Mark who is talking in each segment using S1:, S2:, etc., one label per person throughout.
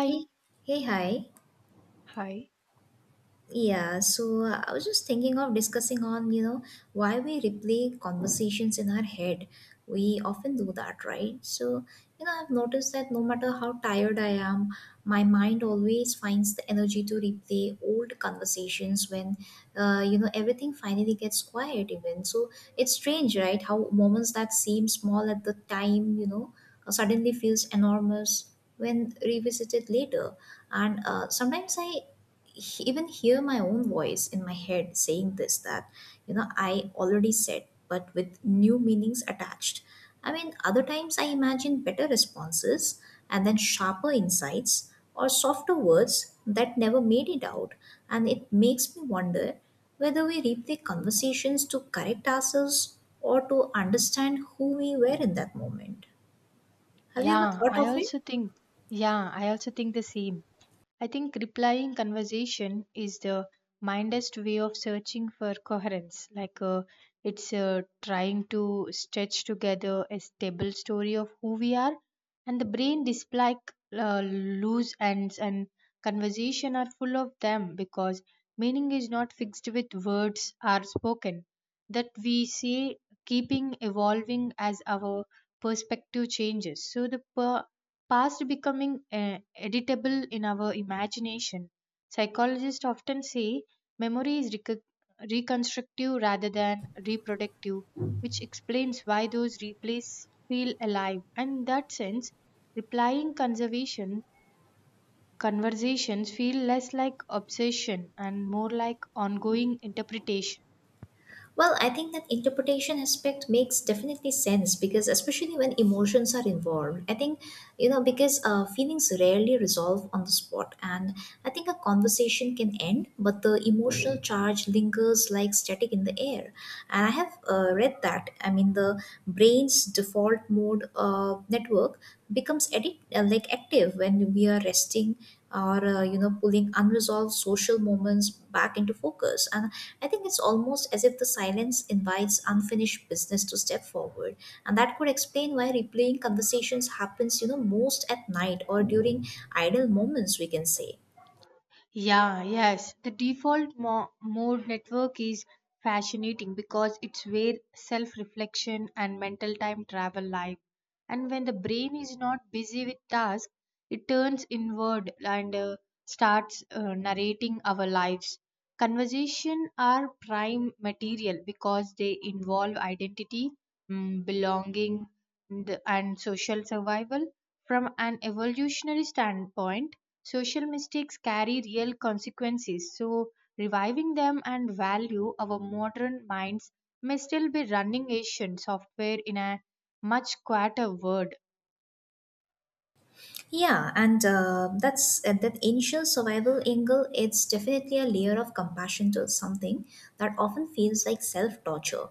S1: Thế thế hả?
S2: Hi.
S1: Yeah, so I was just thinking of discussing on, why we replay conversations in our head. We often do that, right? So, I've noticed that no matter how tired I am, my mind always finds the energy to replay old conversations when, everything finally gets quiet even. So it's strange, right? How moments that seem small at the time, suddenly feels enormous when revisited later. And sometimes I even hear my own voice in my head saying this that I already said, but with new meanings attached. I mean, other times I imagine better responses and then sharper insights or softer words that never made it out. And it makes me wonder whether we replay conversations to correct ourselves or to understand who we were in that moment. Have you ever
S2: Yeah,
S1: thought
S2: I
S1: of it?
S2: also think. Yeah, I also think the same. I think replying conversation is the mindest way of searching for coherence. It's trying to stitch together a stable story of who we are, and the brain dislike loose ends, and conversation are full of them because meaning is not fixed with words are spoken. That we say keeping evolving as our perspective changes. So the past becoming editable in our imagination. Psychologists often say memory is recog reconstructive rather than reproductive, which explains why those replays feel alive. And in that sense, replying conservation conversations feel less like obsession and more like ongoing interpretation.
S1: Well, I think that interpretation aspect makes definitely sense because, especially when emotions are involved, I think, because feelings rarely resolve on the spot. And I think a conversation can end, but the emotional charge lingers like static in the air. And I have read that, I mean, the brain's default mode network becomes like active when we are resting or pulling unresolved social moments back into focus. And I think it's almost as if the silence invites unfinished business to step forward. And that could explain why replaying conversations happens most at night or during idle moments, we can say.
S2: Yeah, yes. The default mode network is fascinating because it's where self reflection and mental time travel live. And when the brain is not busy with tasks, it turns inward and starts narrating our lives. Conversation are prime material because they involve identity, belonging, and social survival. From an evolutionary standpoint, social mistakes carry real consequences, so reviving them and value our modern minds may still be running Asian software in a much quieter world.
S1: Yeah, and that initial survival angle. It's definitely a layer of compassion to something that often feels like self torture.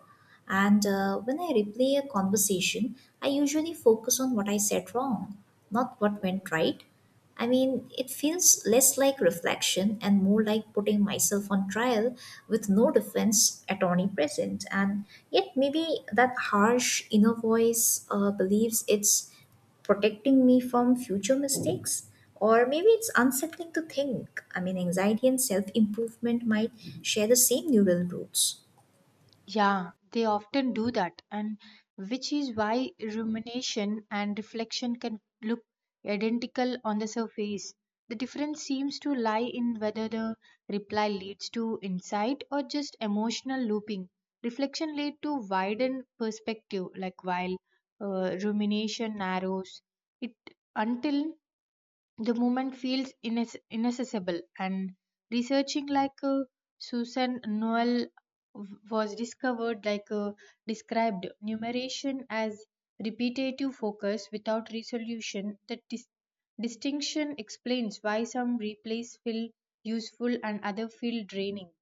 S1: And when I replay a conversation, I usually focus on what I said wrong, not what went right. I mean, it feels less like reflection and more like putting myself on trial with no defense attorney present. And yet, maybe that harsh inner voice believes it's protecting me from future mistakes. Or maybe it's unsettling to think, I mean, anxiety and self improvement might share the same neural roots.
S2: Yeah, they often do that, and which is why rumination and reflection can look identical on the surface. The difference seems to lie in whether the reply leads to insight or just emotional looping. Reflection leads to widened perspective, like while rumination narrows it until the movement feels inaccessible and researching like Susan Noel was discovered like described numeration as repetitive focus without resolution. The distinction explains why some replays feel useful and other feel draining.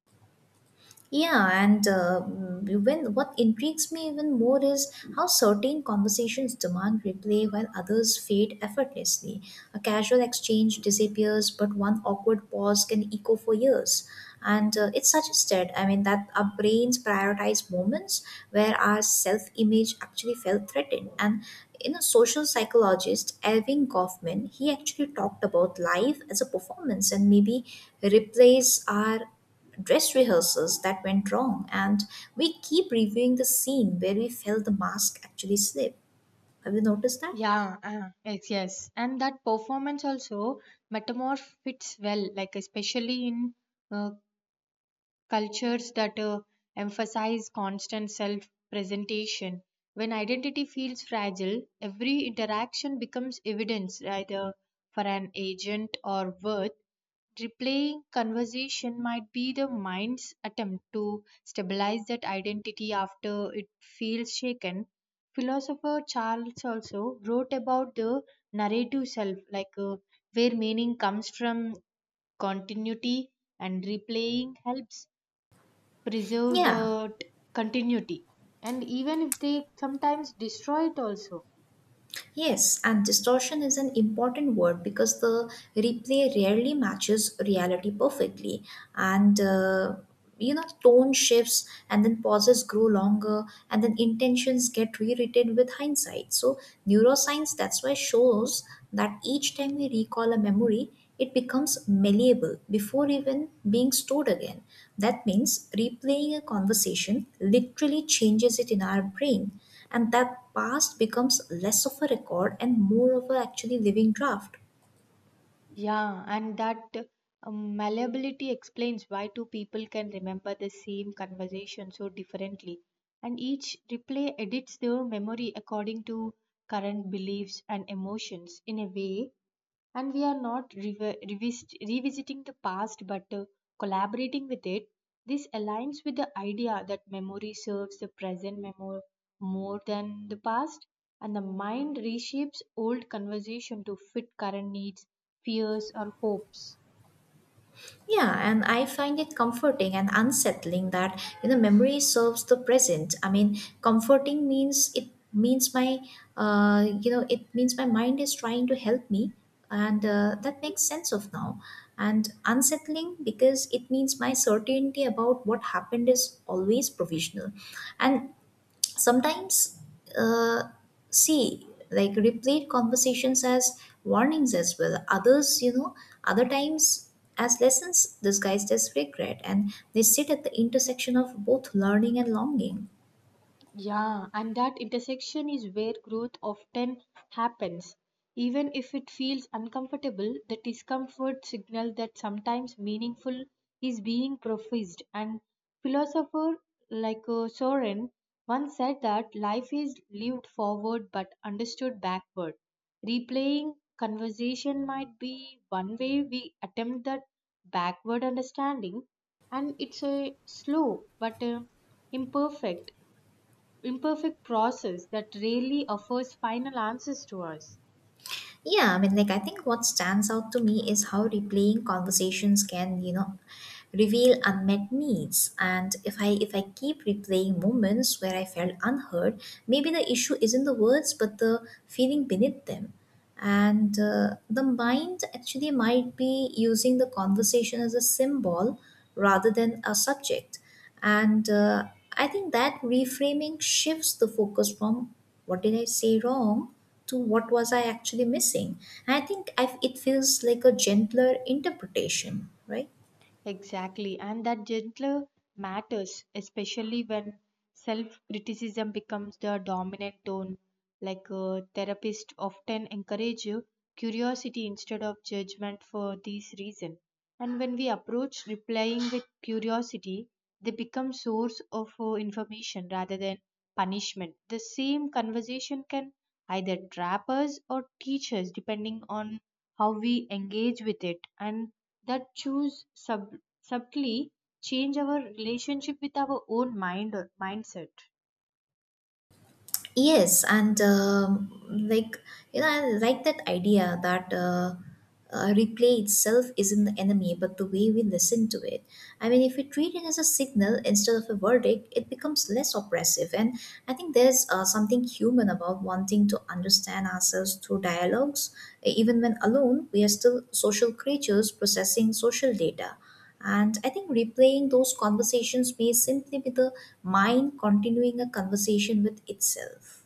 S1: Yeah, and when what intrigues me even more is how certain conversations demand replay while others fade effortlessly. A casual exchange disappears, but one awkward pause can echo for years. And it's suggested, I mean, that our brains prioritize moments where our self-image actually felt threatened. And in a social psychologist, Elvin Kaufman, he actually talked about life as a performance. And maybe replays our dress rehearsals that went wrong, and we keep reviewing the scene where we felt the mask actually slip. Have you noticed that?
S2: Yes, yes, and that performance also metamorph fits well, like especially in uh, cultures that emphasize constant self presentation. When identity feels fragile, every interaction becomes evidence either for an agent or worth. Replaying conversation might be the mind's attempt to stabilize that identity after it feels shaken. Philosopher Charles also wrote about the narrative self, like where meaning comes from continuity, and replaying helps preserve
S1: Yeah.
S2: the continuity, and even if they sometimes destroy it also.
S1: Yes, and distortion is an important word because the replay rarely matches reality perfectly. And, tone shifts and then pauses grow longer and then intentions get rewritten with hindsight. So, neuroscience that's why shows that each time we recall a memory, it becomes malleable before even being stored again. That means replaying a conversation literally changes it in our brain, and that past becomes less of a record and more of a actually living draft.
S2: Yeah, and that malleability explains why two people can remember the same conversation so differently, and each replay edits their memory according to current beliefs and emotions in a way. And we are not revisiting the past but collaborating with it. This aligns with the idea that memory serves the present more than the past, and the mind reshapes old conversation to fit current needs, fears, or hopes.
S1: Yeah, and I find it comforting and unsettling that, memory serves the present. I mean, comforting means it means my it means my mind is trying to help me. And that makes sense of now. And unsettling because it means my certainty about what happened is always provisional. And sometimes, uh, see, like replete conversations as warnings as well. Others, other times, as lessons disguised as regret. And they sit at the intersection of both learning and longing.
S2: Yeah, and that intersection is where growth often happens. Even if it feels uncomfortable, the discomfort signal that sometimes meaningful is being professed. And philosopher like Soren once said that life is lived forward but understood backward. Replaying conversation might be one way we attempt that backward understanding, and it's a slow but imperfect imperfect process that rarely offers final answers to us.
S1: Yeah, I mean, like, I think what stands out to me is how replaying conversations can, reveal unmet needs. And if I keep replaying moments where I felt unheard, maybe the issue isn't the words, but the feeling beneath them. And the mind actually might be using the conversation as a symbol rather than a subject. And I think that reframing shifts the focus from what did I say wrong to what was I actually missing. And I think it feels like a gentler interpretation, right?
S2: Exactly, and that gentler matters, especially when self criticism becomes the dominant tone. Like a therapist often encourage you curiosity instead of judgment for this reason. And when we approach replying with curiosity, they become source of information rather than punishment. The same conversation can either trap us or teach us depending on how we engage with it, and that choose subtly change our relationship with our own mind or mindset.
S1: Yes, and like, I like that idea that replay itself isn't the enemy, but the way we listen to it. I mean, if we treat it as a signal instead of a verdict, it becomes less oppressive. And I think there's something human about wanting to understand ourselves through dialogues. Even when alone, we are still social creatures processing social data. And I think replaying those conversations may simply be the mind continuing a conversation with itself.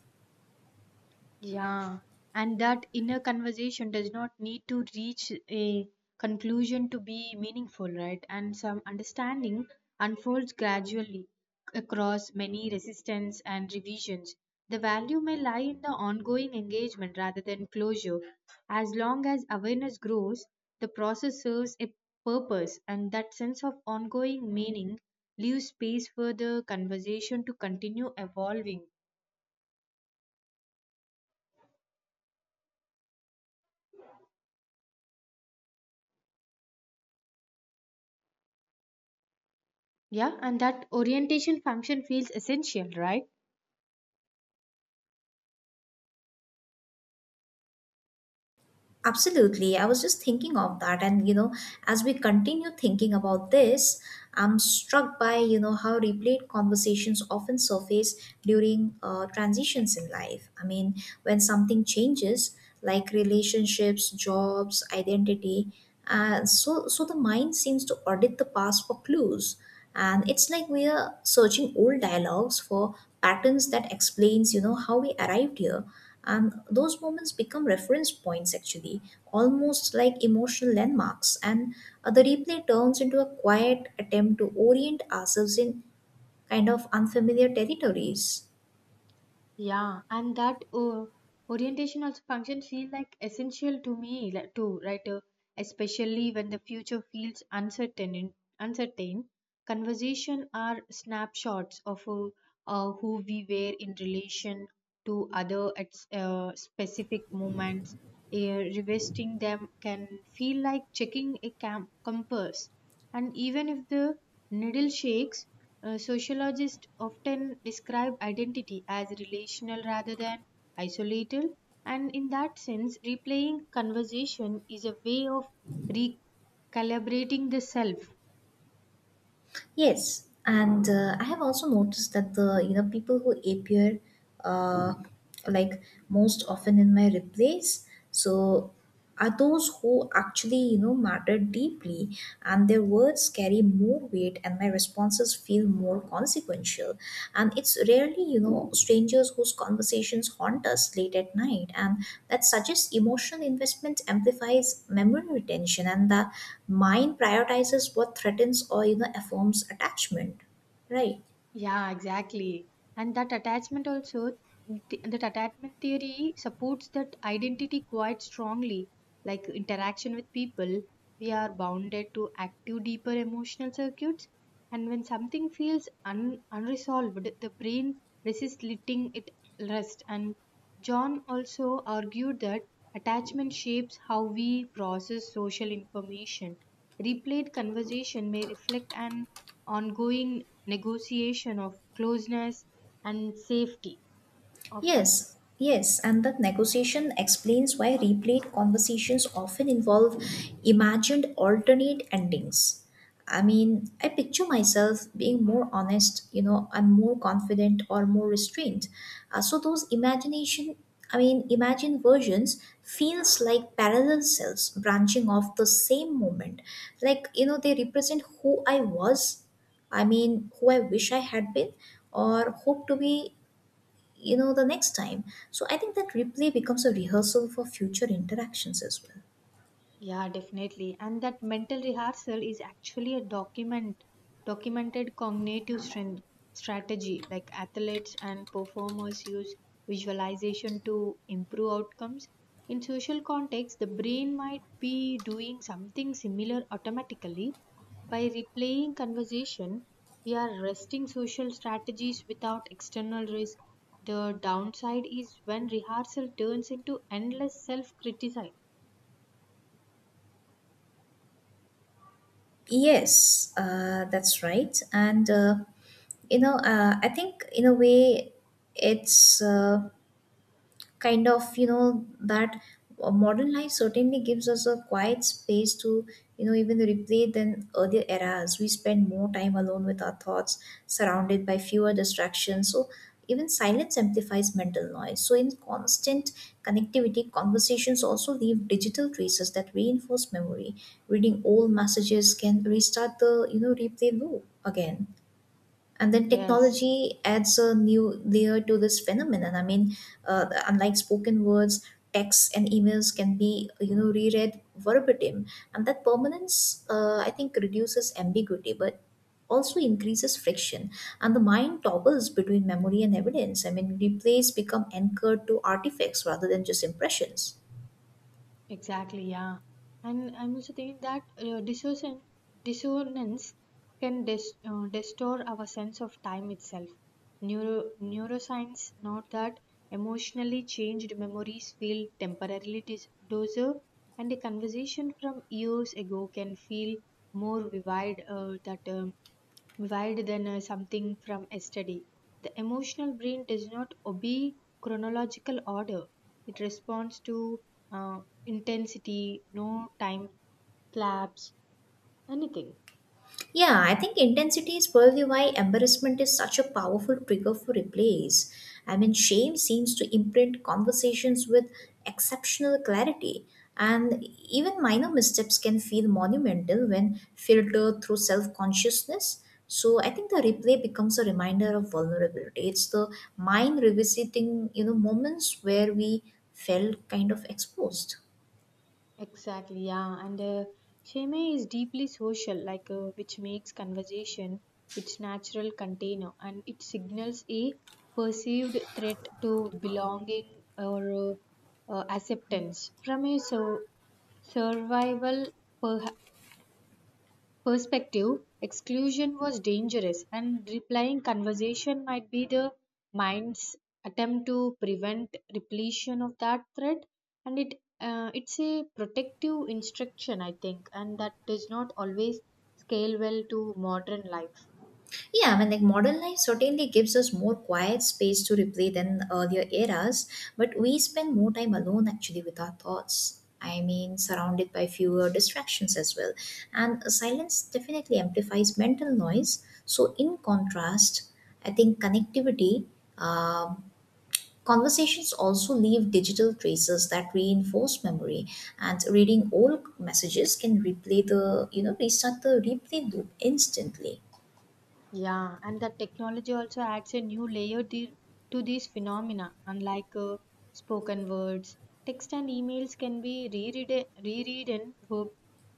S2: Yeah, and that inner conversation does not need to reach a conclusion to be meaningful, right? And some understanding unfolds gradually across many resistance and revisions. The value may lie in the ongoing engagement rather than closure. As long as awareness grows, the process serves a purpose, and that sense of ongoing meaning leaves space for the conversation to continue evolving. Yeah, and that orientation function feels essential, right?
S1: Absolutely. I was just thinking of that. And, as we continue thinking about this, I'm struck by, how replayed conversations often surface during transitions in life. I mean, when something changes, like relationships, jobs, identity, so the mind seems to audit the past for clues. And it's like we are searching old dialogues for patterns that explains, how we arrived here. And those moments become reference points actually, almost like emotional landmarks. And the replay turns into a quiet attempt to orient ourselves in kind of unfamiliar territories.
S2: Yeah, and that orientation also function feel like essential to me like, too, right? Especially when the future feels uncertain. Uncertain, conversation are snapshots of who we were in relation to other at specific moments. Revisiting them can feel like checking a compass. And even if the needle shakes, sociologists often describe identity as relational rather than isolated. And in that sense, replaying conversation is a way of recalibrating the self.
S1: Yes, and I have also noticed that the people who appear uh, like most often in my replays. So are those who actually matter deeply, and their words carry more weight and my responses feel more consequential. And it's rarely strangers whose conversations haunt us late at night. And that suggests emotional investment amplifies memory retention, and the mind prioritizes what threatens or affirms attachment, right?
S2: Yeah, exactly. And that attachment also, that attachment theory supports that identity quite strongly. Like interaction with people, we are bounded to active, deeper emotional circuits. And when something feels unresolved, the brain resists letting it rest. And John also argued that attachment shapes how we process social information. Replayed conversation may reflect an ongoing negotiation of closeness and safety of
S1: Yes,
S2: us.
S1: yes, and that negotiation explains why replayed conversations often involve imagined alternate endings. I mean, I picture myself being more honest, I'm more confident or more restrained. So those imagination, I mean, imagined versions feels like parallel selves branching off the same moment. Like, they represent who I was, I mean, who I wish I had been or hope to be the next time. So I think that replay becomes a rehearsal for future interactions as well.
S2: Yeah, definitely. And that mental rehearsal is actually a documented cognitive strength strategy. Like athletes and performers use visualization to improve outcomes. In social context, the brain might be doing something similar automatically. By replaying conversation, we are resting social strategies without external risk. The downside is when rehearsal turns into endless self criticism.
S1: Yes, that's right, and I think in a way it's kind of that modern life certainly gives us a quiet space to even replay than earlier eras. We spend more time alone with our thoughts, surrounded by fewer distractions. So even silence amplifies mental noise. So in constant connectivity, conversations also leave digital traces that reinforce memory. Reading old messages can restart the replay loop again. And then
S2: Yes.
S1: technology adds a new layer to this phenomenon. I mean, unlike spoken words, texts and emails can be reread verbatim. And that permanence, I think, reduces ambiguity but also increases friction. And the mind toggles between memory and evidence. I mean, replays become anchored to artifacts rather than just impressions.
S2: Exactly, yeah. And I'm also thinking that dissonance can distort our sense of time itself. Neuroscience note that emotionally changed memories feel temporarily dozer, and a conversation from years ago can feel more vivid that wild than something from yesterday. The emotional brain does not obey chronological order. It responds to uh, intensity, no time lapse, anything.
S1: Yeah, I think intensity is probably why embarrassment is such a powerful trigger for replays. I mean, shame seems to imprint conversations with exceptional clarity, and even minor missteps can feel monumental when filtered through self consciousness. So I think the replay becomes a reminder of vulnerability. It's the mind revisiting, moments where we felt kind of exposed.
S2: Exactly, yeah. And shame is deeply social, like which makes conversation its natural container, and it signals a perceived threat to belonging or acceptance from a so survival perspective, exclusion was dangerous, and replying conversation might be the mind's attempt to prevent repletion of that threat. And it's a protective instruction, I think, and that does not always scale well to modern life.
S1: Yeah, I mean, like modern life certainly gives us more quiet space to replay than earlier eras, but we spend more time alone actually with our thoughts. I mean, surrounded by fewer distractions as well. And silence definitely amplifies mental noise. So, in contrast, I think connectivity, um, conversations also leave digital traces that reinforce memory. And reading old messages can restart the replay loop instantly.
S2: Yeah, and that technology also adds a new layer to these phenomena. Unlike spoken words, text and emails can be reread in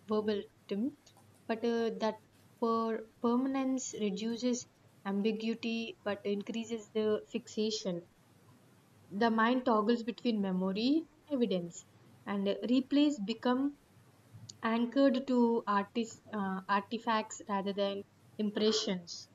S2: verbatim, but that permanence reduces ambiguity but increases the fixation. The mind toggles between memory and evidence, and replays become anchored to artifacts rather than impressions.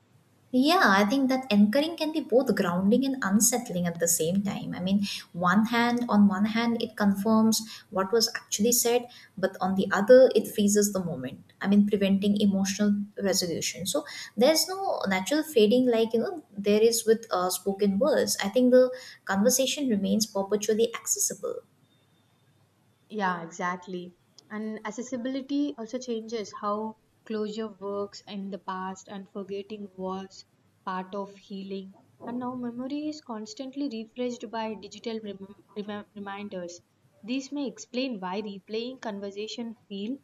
S1: Yeah, I think that anchoring can be both grounding and unsettling at the same time. I mean, one hand on one hand it confirms what was actually said, but on the other it freezes the moment. I mean, preventing emotional resolution. So there's no natural fading like there is with spoken words. I think the conversation remains perpetually accessible.
S2: Yeah, exactly. And accessibility also changes how closure works in the past, and forgetting was part of healing. And now memory is constantly refreshed by digital reminders. These may explain why replaying conversation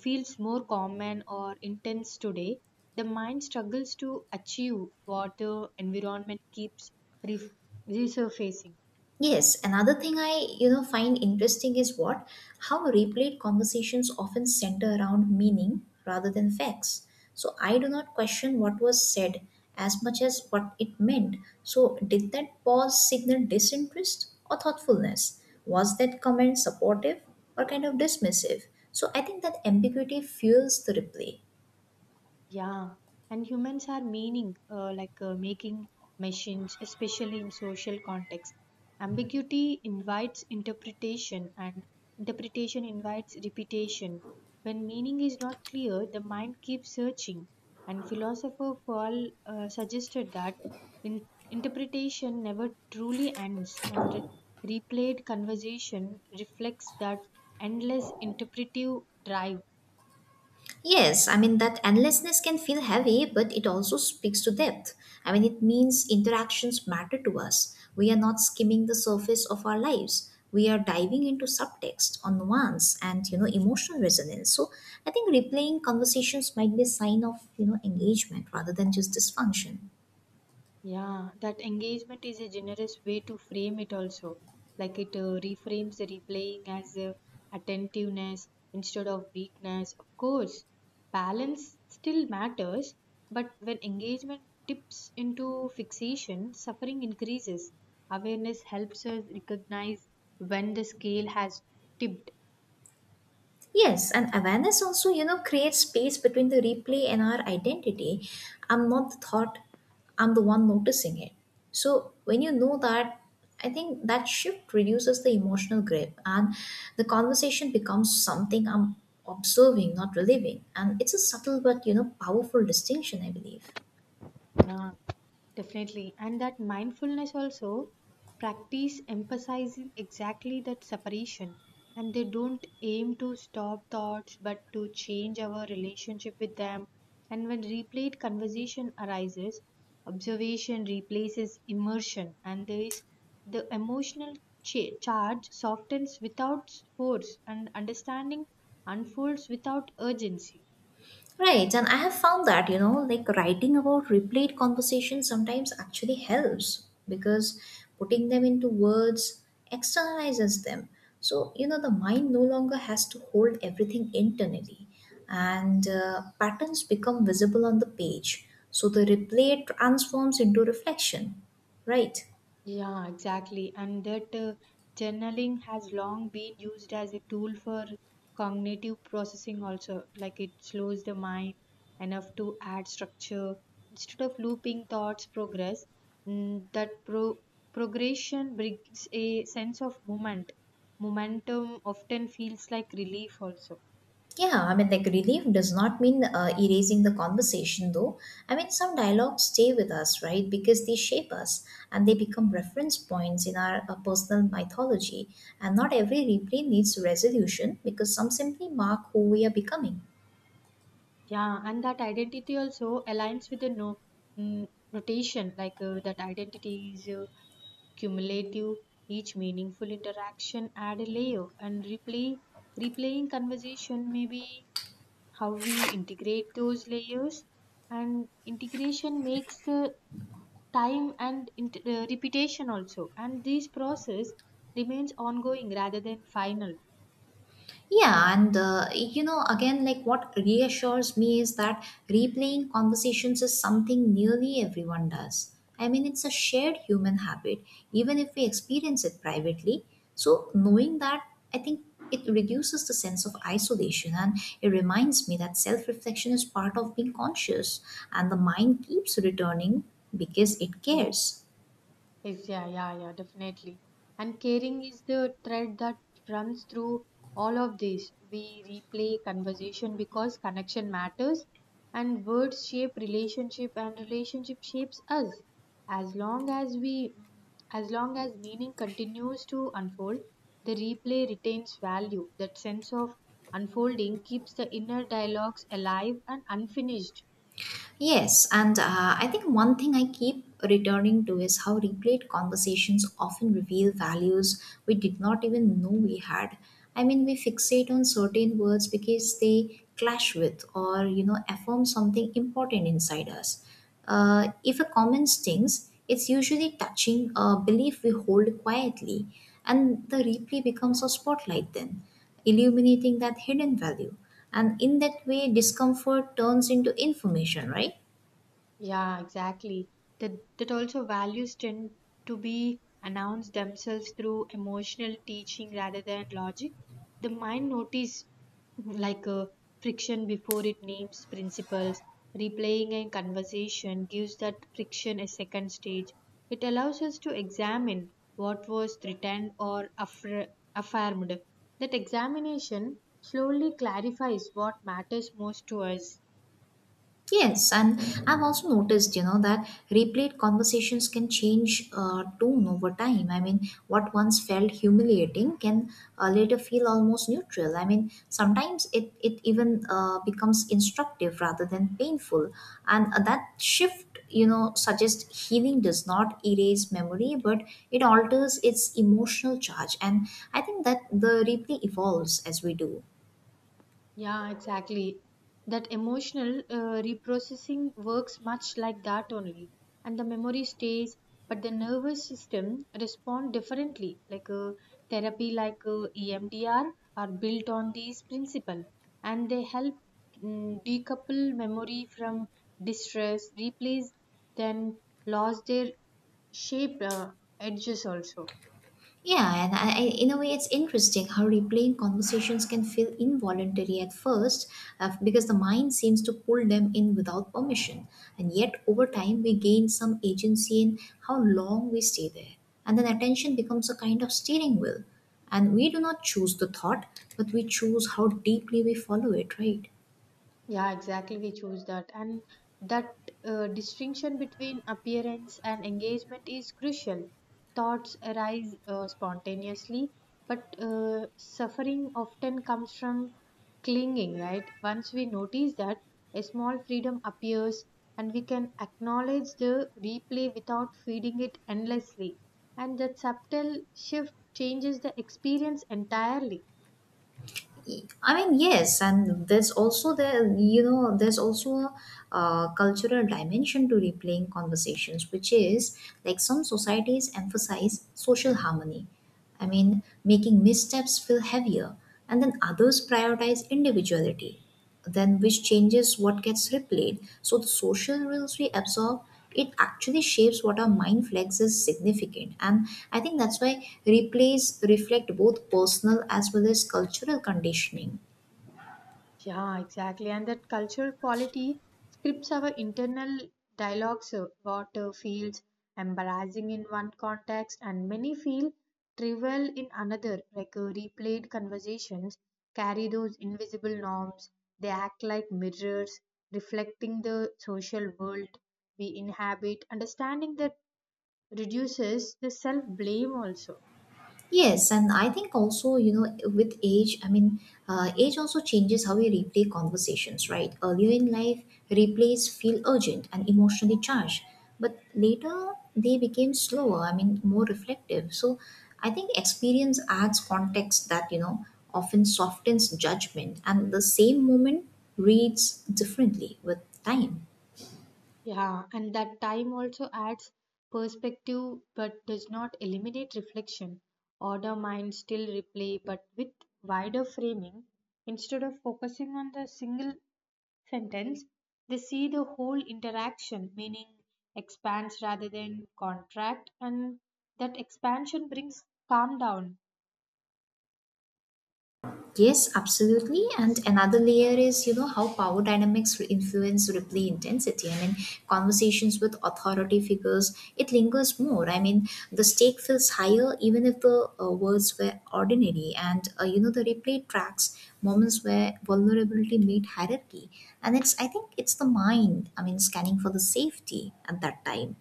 S2: feels more common or intense today. The mind struggles to achieve what the environment keeps ref resurfacing.
S1: Yes, another thing I find interesting is what how replayed conversations often center around meaning rather than facts. So I do not question what was said as much as what it meant. So did that pause signal disinterest or thoughtfulness? Was that comment supportive or kind of dismissive? So I think that ambiguity fuels the replay.
S2: Yeah, and humans are meaning making machines, especially in social context. Ambiguity invites interpretation, and interpretation invites repetition. When meaning is not clear, the mind keeps searching. And philosopher Paul suggested that interpretation never truly ends, and replayed conversation reflects that endless interpretive drive.
S1: Yes, I mean that endlessness can feel heavy, but it also speaks to depth. I mean, it means interactions matter to us. We are not skimming the surface of our lives. We are diving into subtext, nuance, and emotional resonance. So I think replaying conversations might be a sign of engagement rather than just dysfunction.
S2: Yeah, that engagement is a generous way to frame it also. Like it reframes the replaying as attentiveness instead of weakness. Of course, balance still matters, but when engagement tips into fixation, suffering increases. Awareness helps us recognize when the scale has tipped.
S1: Yes, and awareness also, creates space between the replay and our identity. I'm not the thought, I'm the one noticing it. So when you know that, I think that shift reduces the emotional grip and the conversation becomes something I'm observing, not reliving. And it's a subtle but, powerful distinction, I believe.
S2: Yeah, definitely. And that mindfulness also practice emphasizing exactly that separation. And they don't aim to stop thoughts but to change our relationship with them. And when replayed conversation arises, observation replaces immersion, and there is the emotional charge softens without force, and understanding unfolds without urgency.
S1: Right, and I have found that, like writing about replayed conversations sometimes actually helps because putting them into words externalizes them. So, the mind no longer has to hold everything internally, and patterns become visible on the page. So the replay transforms into reflection, right?
S2: Yeah, exactly. And that journaling has long been used as a tool for cognitive processing, also. Like it slows the mind enough to add structure. Instead of looping thoughts, progress, mm, that pro- progression brings a sense of movement. Momentum often feels like relief, also.
S1: Yeah, I mean, like relief does not mean erasing the conversation, though. I mean, some dialogues stay with us, right? Because they shape us and they become reference points in our personal mythology. And not every replay needs resolution because some simply mark who we are becoming.
S2: Yeah, and that identity also aligns with the no, mm, rotation, like that identity is cumulative, each meaningful interaction add a layer, and replaying conversation may be how we integrate those layers, and integration makes the time and repetition also, and this process remains ongoing rather than final.
S1: Yeah, and you know, again, like what reassures me is that replaying conversations is something nearly everyone does. I mean, it's a shared human habit, even if we experience it privately. So, knowing that, I think it reduces the sense of isolation and it reminds me that self reflection is part of being conscious, and the mind keeps returning because it cares.
S2: Yes, definitely. And caring is the thread that runs through all of this. We replay conversation because connection matters, and words shape relationship, and relationship shapes us. As long as we, as long as meaning continues to unfold, the replay retains value. That sense of unfolding keeps the inner dialogues alive and unfinished.
S1: Yes, and I think one thing I keep returning to is how replayed conversations often reveal values we did not even know we had. I mean, we fixate on certain words because they clash with or, affirm something important inside us. If a comment stings, it's usually touching a belief we hold quietly, and the replay becomes a spotlight then, illuminating that hidden value. And in that way, discomfort turns into information, right?
S2: Yeah, exactly. That also values tend to be announced themselves through emotional teaching rather than logic. The mind notice like a friction before it names principles. Replaying a conversation gives that friction a second stage. It allows us to examine what was threatened or affirmed. That examination slowly clarifies what matters most to us.
S1: Yes, and I've also noticed, that replayed conversations can change tone over time. I mean, what once felt humiliating can later feel almost neutral. I mean, sometimes it even becomes instructive rather than painful, and that shift, suggests healing does not erase memory, but it alters its emotional charge. And I think that the replay evolves as we do.
S2: Yeah, exactly. That emotional reprocessing works much like that only. And the memory stays, but the nervous system respond differently. Like a therapy like EMDR are built on these principle, and they help decouple memory from distress, replace then lost their shape edges also.
S1: Yeah, and in a way, it's interesting how replaying conversations can feel involuntary at first because the mind seems to pull them in without permission. And yet, over time, we gain some agency in how long we stay there. And then attention becomes a kind of steering wheel. And we do not choose the thought, but we choose how deeply we follow it, right?
S2: Yeah, exactly. We choose that. And that distinction between appearance and engagement is crucial. Thoughts arise spontaneously, but suffering often comes from clinging, right? Once we notice that, a small freedom appears and we can acknowledge the replay without feeding it endlessly. And that subtle shift changes the experience entirely.
S1: I mean, yes, and there's also a cultural dimension to replaying conversations, which is like some societies emphasize social harmony. I mean, making missteps feel heavier, and then others prioritize individuality then which changes what gets replayed. So the social rules we absorb, it actually shapes what our mind flex is significant. And I think that's why replays reflect both personal as well as cultural conditioning.
S2: Yeah, exactly. And that cultural quality scripts our internal dialogues. What feels embarrassing in one context and many feel trivial in another, like replayed conversations carry those invisible norms. They act like mirrors, reflecting the social world we inhabit. Understanding that reduces the self blame also.
S1: Yes, and I think also, with age, I mean, age also changes how we replay conversations, right? Earlier in life, replays feel urgent and emotionally charged, but later they became slower, I mean, more reflective. So I think experience adds context that, often softens judgment, and the same moment reads differently with time.
S2: Yeah, and that time also adds perspective but does not eliminate reflection. Order mind still replay but with wider framing. Instead of focusing on the single sentence, they see the whole interaction, meaning expands rather than contract, and that expansion brings
S1: Yes, absolutely. And
S2: calmness.
S1: another layer is, how power dynamics influence replay intensity. I mean, conversations with authority figures, it lingers more. I mean, the stake feels higher even if the words were ordinary. And, you know, the replay tracks moments where vulnerability meet hierarchy. And it's, I think it's the mind, I mean, scanning for the safety at that time.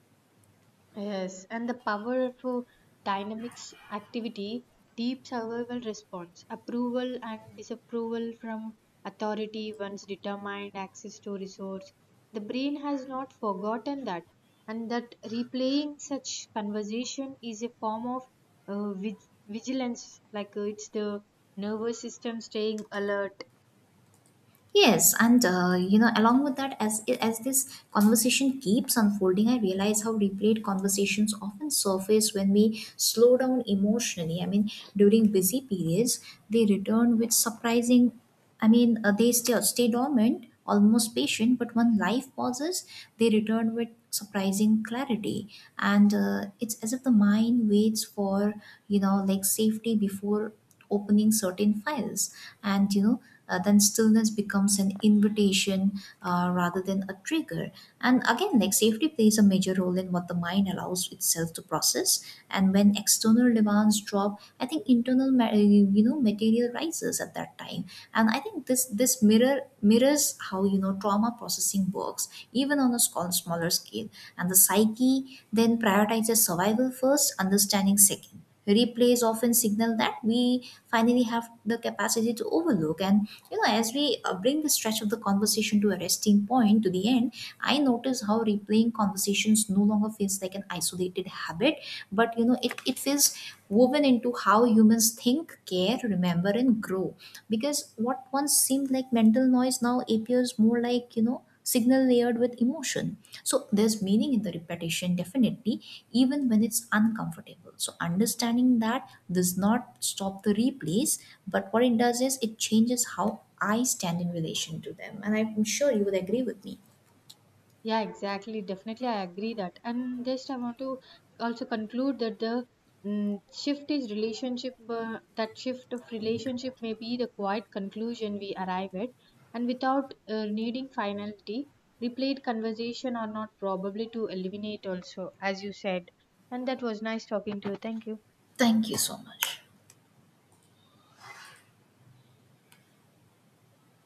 S2: Yes, and the power of dynamics activity, deep survival response, approval and disapproval from authority once determined access to resource. The brain has not forgotten that, and that replaying such conversation is a form of vigilance, like it's the nervous system staying alert.
S1: Yes, and you know, along with that, as this conversation keeps unfolding, I realize how replayed conversations often surface when we slow down emotionally. I mean, during busy periods, they return with surprising. I mean, they still stay dormant, almost patient, but when life pauses, they return with surprising clarity, and it's as if the mind waits for you know like safety before opening certain files and you know then stillness becomes an invitation rather than a trigger. And again, like safety plays a major role in what the mind allows itself to process. And when external demands drop, I think internal you know, material rises at that time. And I think this mirrors how you know trauma processing works even on a small, smaller scale. And the psyche then prioritizes survival first, understanding second. Replays often signal that we finally have the capacity to overlook. And you know, as we bring the stretch of the conversation to a resting point, to the end, I notice how replaying conversations no longer feels like an isolated habit, but you know it feels woven into how humans think, care, remember and grow. Because what once seemed like mental noise now appears more like you know signal layered with emotion. So there's meaning in the repetition, definitely, even when it's uncomfortable. So understanding that does not stop the replays, but what it does is it changes how I stand in relation to them. And I'm sure you would agree with me.
S2: Yeah, exactly. Definitely, I agree that. And just I want to also conclude that the shift is relationship. That shift of relationship may be the quiet conclusion we arrive at, and without needing finality, replayed conversation are not probably to eliminate. Also, as you said, and that was nice talking to you. Thank you.
S1: Thank you so much.